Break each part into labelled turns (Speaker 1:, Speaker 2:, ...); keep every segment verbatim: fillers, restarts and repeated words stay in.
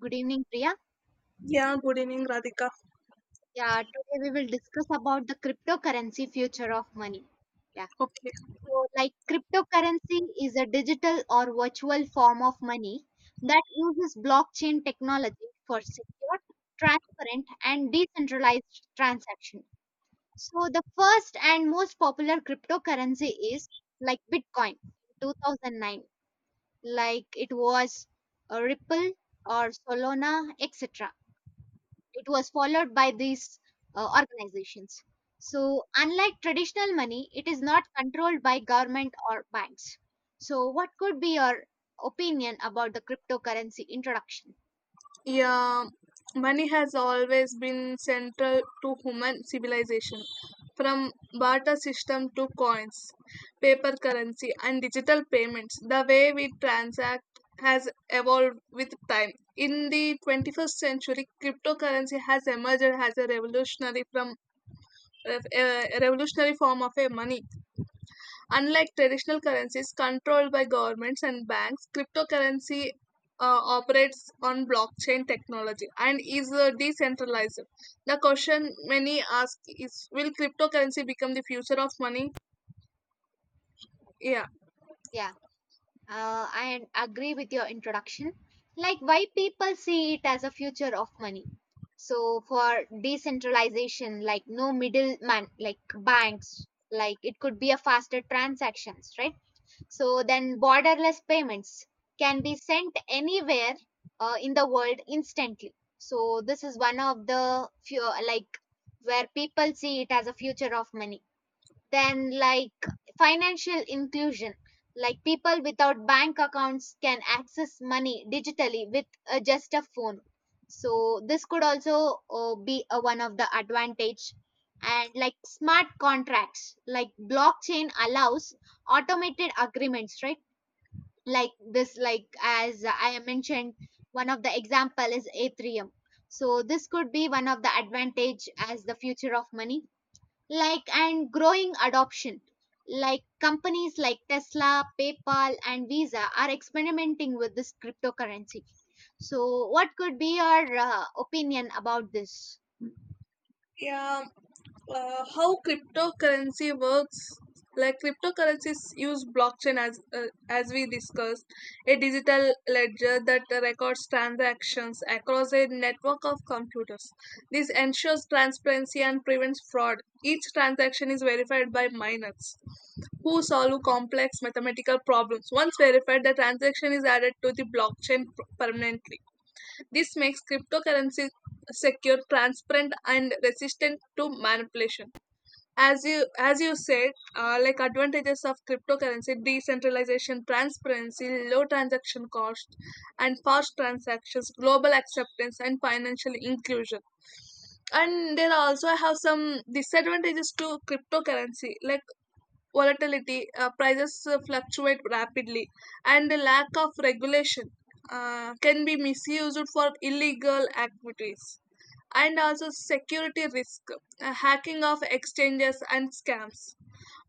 Speaker 1: Good evening, Priya.
Speaker 2: Yeah, good evening, Radhika.
Speaker 1: Yeah, today we will discuss about the cryptocurrency future of money. Yeah,
Speaker 2: Okay.
Speaker 1: so like cryptocurrency is a digital or virtual form of money that uses blockchain technology for secure, transparent, and decentralized transaction. So the first and most popular cryptocurrency is like Bitcoin in two thousand nine, like it was uh, Ripple or Solana, et cetera it was followed by these uh, organizations. So, unlike traditional money, it is not controlled by government or banks. So, what could be your opinion about the cryptocurrency introduction?
Speaker 2: Yeah, money has always been central to human civilization. From barter system to coins, paper currency, and digital payments, the way we transact has evolved with time. In the twenty-first century, cryptocurrency has emerged as a revolutionary from a a revolutionary form of a money. Unlike traditional currencies controlled by governments and banks, cryptocurrency uh, operates on blockchain technology and is uh, decentralized. The question many ask is, will cryptocurrency become the future of money? Yeah.
Speaker 1: Yeah, uh, I agree with your introduction. Like, why people see it as a future of money? So, for decentralization, like no middleman, like banks, like it could be a faster transactions, right? So then borderless payments can be sent anywhere uh, in the world instantly. So this is one of the few like where people see it as a future of money. Then, like financial inclusion, like people without bank accounts can access money digitally with uh, just a phone. So this could also uh, be uh, one of the advantage. And like smart contracts, like blockchain allows automated agreements, right? Like this, like as I mentioned, one of the example is Ethereum. So this could be one of the advantage as the future of money like and growing adoption like companies like Tesla, PayPal and Visa are experimenting with this cryptocurrency. So what could be your uh, opinion about this?
Speaker 2: Uh, how cryptocurrency works: like, cryptocurrencies use blockchain, as uh, as we discussed, a digital ledger that records transactions across a network of computers. This ensures transparency and prevents fraud. Each transaction is verified by miners who solve complex mathematical problems. Once verified, the transaction is added to the blockchain per- permanently. This makes cryptocurrency secure, transparent, and resistant to manipulation. As you as you said, uh, like, advantages of cryptocurrency: decentralization, transparency, low transaction cost, and fast transactions, global acceptance, and financial inclusion. And there are also have some disadvantages to cryptocurrency, like volatility. Uh, prices uh, fluctuate rapidly, and the lack of regulation uh, can be misused for illegal activities. And also security risk, uh, hacking of exchanges and scams,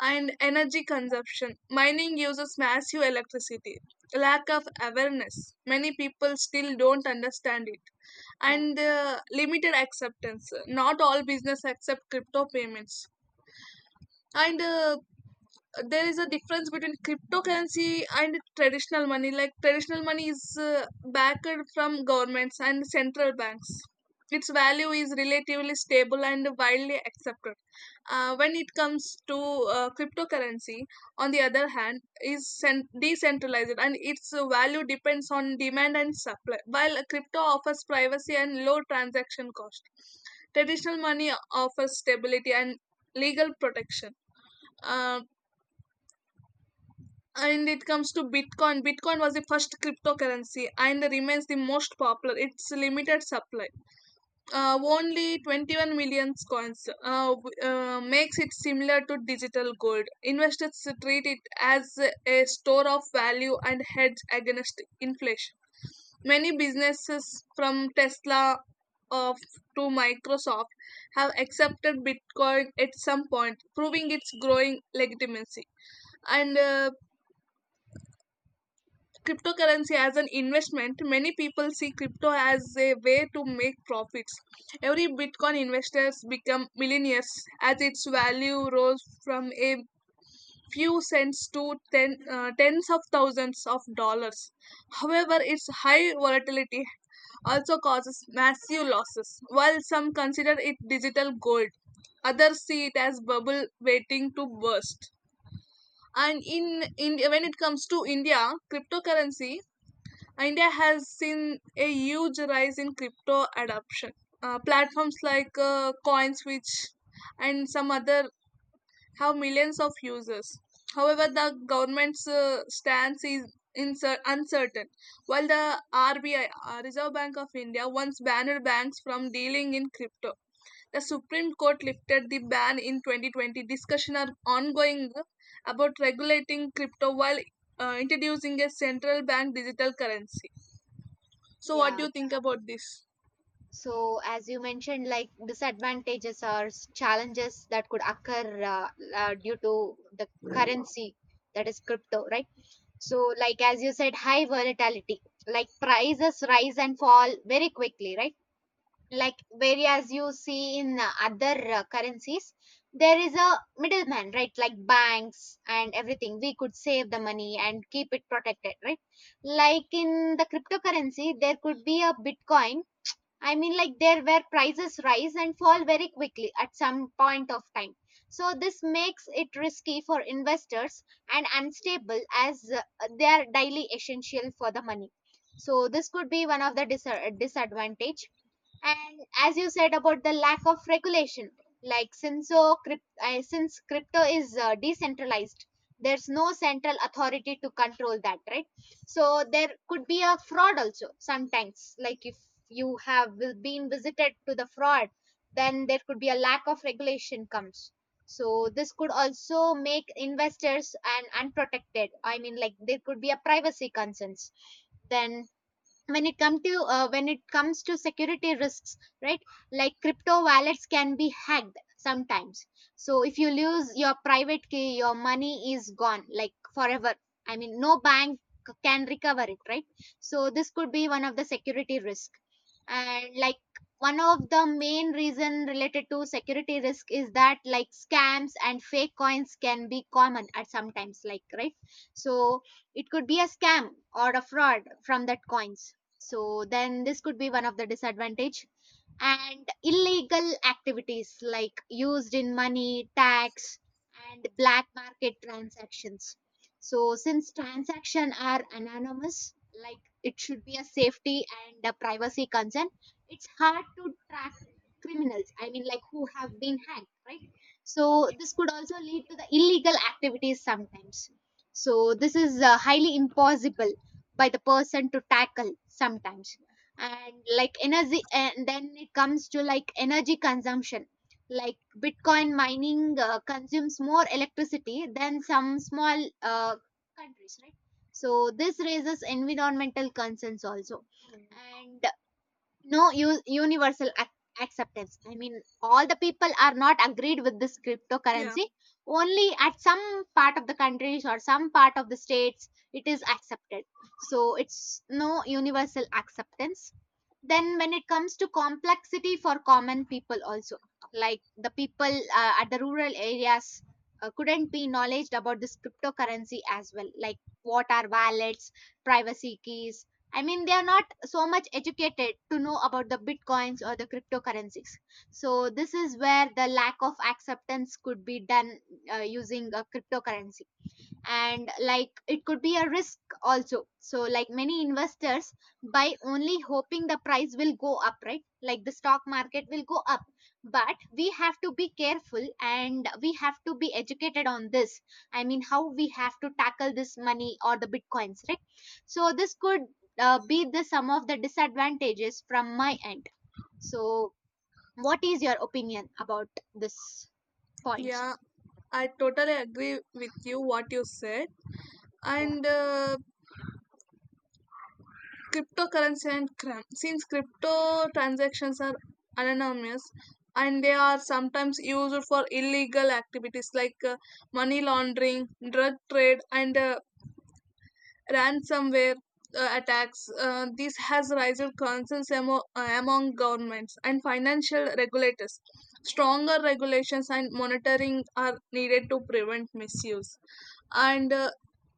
Speaker 2: and energy consumption. Mining uses massive electricity. Lack of awareness. Many people still don't understand it.
Speaker 1: yeah
Speaker 2: And uh, limited acceptance. Not all business accept crypto payments. And uh, there is a difference between cryptocurrency and traditional money. Like, traditional money is uh, backed from governments and central banks. Its value is relatively stable and widely accepted. Uh, when it comes to uh, cryptocurrency, on the other hand, is cen- decentralized and its value depends on demand and supply. While crypto offers privacy and low transaction cost, traditional money offers stability and legal protection. Uh, and it comes to bitcoin, bitcoin was the first cryptocurrency and remains the most popular. It's limited supply, uh, only twenty-one million coins, uh, w- uh, makes it similar to digital gold. Investors treat it as a store of value and hedge against inflation. Many businesses from tesla of to microsoft have accepted bitcoin at some point, proving its growing legitimacy. And uh, Cryptocurrency as an investment: many people see crypto as a way to make profits. Every bitcoin investors become millionaires as its value rose from a few cents to ten, uh, tens of thousands of dollars. However, its high volatility also causes massive losses. While some consider it digital gold, others see it as bubble waiting to burst. And in, in when it comes to india cryptocurrency, India has seen a huge rise in crypto adoption. Uh, platforms like uh, CoinSwitch and some other have millions of users. However, the government's uh, stance is incer- uncertain. While the R B I, uh, Reserve Bank of India, once banned banks from dealing in crypto, the Supreme Court lifted the ban in twenty twenty. Discussions are ongoing about regulating crypto while uh, introducing a central bank digital currency. So, what
Speaker 1: yeah.
Speaker 2: do you think about this?
Speaker 1: so as you mentioned like disadvantages or s- challenges that could occur uh, uh, due to the currency, that is crypto, right? So like as you said, high volatility, like prices rise and fall very quickly, right? Like whereas you see in uh, other uh, currencies, there is a middleman, right? Like banks and everything, we could save the money and keep it protected, right? Like in the cryptocurrency there could be a bitcoin. I mean like there where prices rise and fall very quickly at some point of time, so this makes it risky for investors and unstable as uh, they are daily essential for the money. So this could be one of the dis- uh, disadvantage. And as you said about the lack of regulation, like since so crypt, uh, since crypto is uh, decentralized, there's no central authority to control that, right? So there could be a fraud also sometimes, like if you have will- been visited to the fraud, then there could be a lack of regulation comes. So this could also make investors and unprotected. I mean like there could be a privacy concerns. Then when it come to uh, when it comes to security risks, right? Like crypto wallets can be hacked sometimes, so if you lose your private key, your money is gone like forever. I mean no bank c- can recover it, right? So this could be one of the security risk. And like one of the main reason related to security risk is that like scams and fake coins can be common at sometimes like, right? So it could be a scam or a fraud from that coins. So then this could be one of the disadvantage. And illegal activities, like used in money, tax, and black market transactions. So, since transactions are anonymous, like it should be a safety and a privacy concern, it's hard to track criminals. I mean, like who have been hacked, right? So, this could also lead to the illegal activities sometimes. So, this is uh, highly impossible by the person to tackle sometimes. And like energy and then it comes to like energy consumption, like bitcoin mining uh, consumes more electricity than some small uh, countries, right? So this raises environmental concerns also. And no u- universal ac- acceptance, I mean all the people are not agreed with this
Speaker 2: Yeah.
Speaker 1: cryptocurrency, only at some part of the countries or some part of the states it is accepted. So it's no universal acceptance. Then when it comes to complexity for common people also, like the people uh, at the rural areas uh, couldn't be knowledge about this cryptocurrency as well, like what are wallets, privacy keys. I mean they are not so much educated to know about the bitcoins or the cryptocurrencies. So this is where the lack of acceptance could be done uh, using a cryptocurrency. And like it could be a risk also, so like many investors buy only hoping the price will go up, right? Like the stock market will go up. But we have to be careful and we have to be educated on this. I mean how we have to tackle this money or the bitcoins, right? So this could uh, be the some of the disadvantages from my end. So what is your opinion about this point?
Speaker 2: Yeah, I totally agree with you what you said.
Speaker 1: yeah
Speaker 2: And uh, cryptocurrency and crime. Since crypto transactions are anonymous, and they are sometimes used for illegal activities like uh, money laundering, drug trade, and uh, ransomware uh, attacks. Uh, this has raised concerns amo- uh, among governments and financial regulators. Stronger regulations and monitoring are needed to prevent misuse. And uh,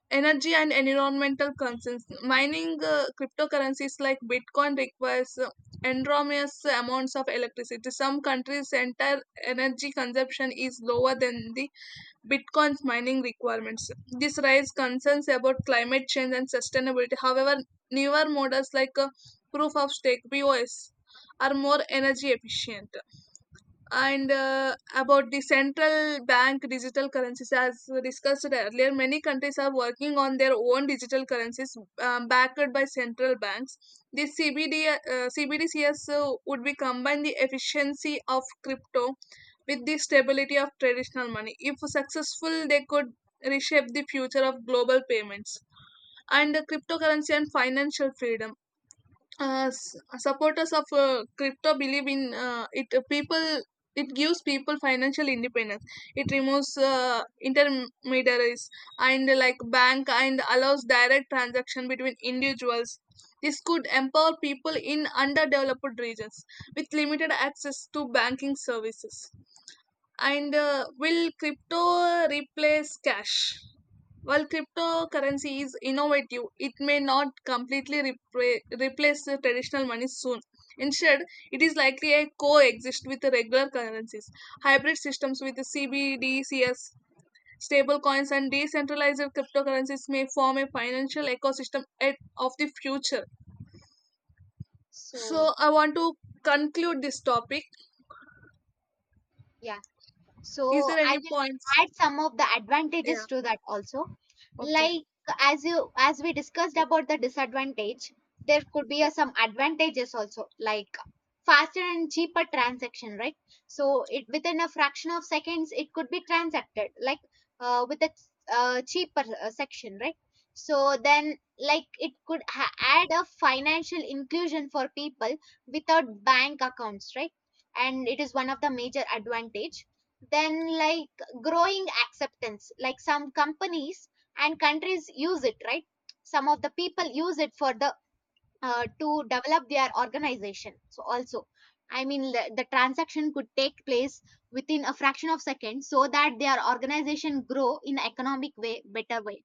Speaker 2: energy and environmental concerns. Mining uh, cryptocurrencies like Bitcoin requires uh, enormous amounts of electricity. Some countries' entire energy consumption is lower than the Bitcoin's mining requirements. This raises concerns about climate change and sustainability. However, newer models like uh, proof of stake (P O S) are more energy efficient. And uh, About the central bank digital currencies, as discussed earlier, many countries are working on their own digital currencies, um, backed by central banks. The cbd uh, CBDCs uh, would be combine the efficiency of crypto with the stability of traditional money. If successful, they could reshape the future of global payments. And the cryptocurrency and financial freedom, uh, s- supporters of uh, crypto believe in uh, it uh, people It gives people financial independence. It removes uh, intermediaries and uh, like bank, and allows direct transaction between individuals. This could empower people in underdeveloped regions with limited access to banking services. And uh, will crypto replace cash? While cryptocurrency is innovative, it may not completely repra- replace the traditional money soon. Instead, it is likely to coexist with the regular currencies. Hybrid systems with the C B D Cs, stable coins, and decentralized cryptocurrencies may form a financial ecosystem at- of the future.
Speaker 1: so
Speaker 2: So, I want to conclude this topic.
Speaker 1: yeah So
Speaker 2: Is there
Speaker 1: I
Speaker 2: any
Speaker 1: will
Speaker 2: points?
Speaker 1: add some of the advantages
Speaker 2: Yeah.
Speaker 1: to that also.
Speaker 2: Okay.
Speaker 1: Like, as you as we discussed about the disadvantage, there could be a, some advantages also, like faster and cheaper transaction, right? So it within a fraction of seconds it could be transacted, like uh, with a uh, cheaper uh, section, right? So then like it could ha- add a financial inclusion for people without bank accounts, right? And it is one of the major advantage. Then like growing acceptance, like some companies and countries use it, right? Some of the people use it for the uh, to develop their organization so also, I mean the, the transaction could take place within a fraction of seconds so that their organization grow in economic way better way.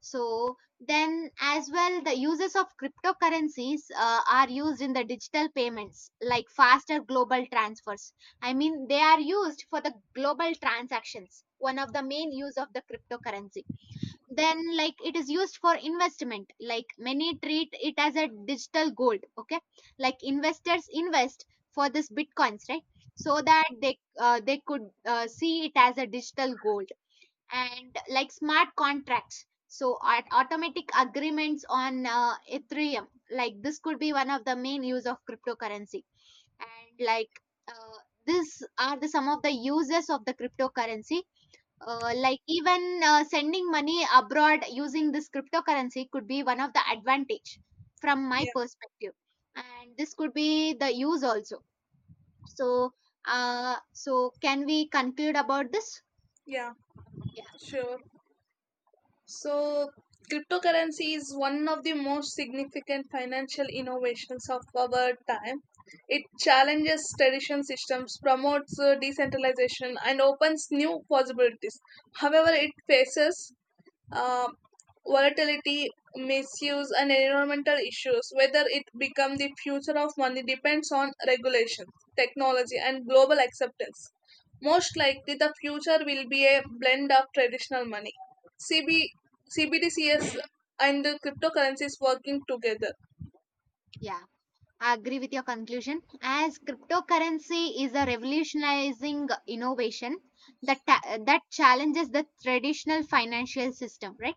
Speaker 1: So then as well the uses of cryptocurrencies uh, are used in the digital payments like faster global transfers. I mean they are used for the global transactions, one of the main use of the cryptocurrency. Then like it is used for investment, like many treat it as a digital gold, okay? Like investors invest for this bitcoins, right? So that they uh, they could uh, see it as a digital gold. And like smart contracts so at automatic agreements on uh, Ethereum, like this could be one of the main use of cryptocurrency. And like uh, this are the some of the uses of the cryptocurrency, uh, like even uh, sending money abroad using this cryptocurrency could be one of the advantage from my
Speaker 2: Yeah.
Speaker 1: perspective. And this could be the use also. So uh so can we conclude about this?
Speaker 2: Yeah.
Speaker 1: yeah
Speaker 2: Sure. So, cryptocurrency is one of the most significant financial innovations of our time. It challenges traditional systems, promotes uh, decentralization, and opens new possibilities. However, it faces um, volatility, misuse, and environmental issues. Whether it become the future of money depends on regulations, technology, and global acceptance. Most likely, the future will be a blend of traditional money, CB, C B D Cs, and the cryptocurrencies working together.
Speaker 1: yeah I agree with your conclusion. As cryptocurrency is a revolutionizing innovation that ta- that challenges the traditional financial system, right?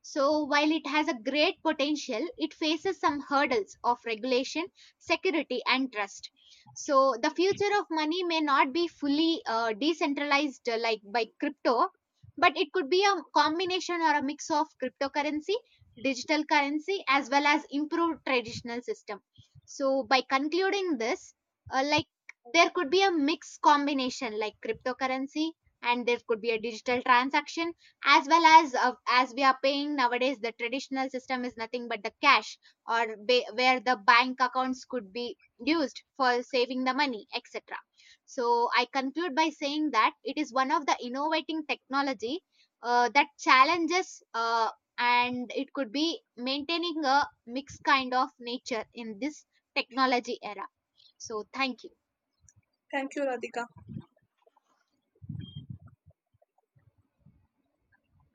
Speaker 1: So while it has a great potential, it faces some hurdles of regulation, security, and trust. So the future of money may not be fully uh, decentralized uh, like by crypto, but it could be a combination or a mix of cryptocurrency, digital currency, as well as improved traditional system. So by concluding this, uh, like there could be a mixed combination like cryptocurrency and there could be a digital transaction, as well as uh, as we are paying nowadays the traditional system is nothing but the cash, or ba- where the bank accounts could be used for saving the money etc. So I conclude by saying that it is one of the innovating technology uh, that challenges uh, and it could be maintaining a mixed kind of nature in this technology era. So, thank you.
Speaker 2: Thank you, Radhika.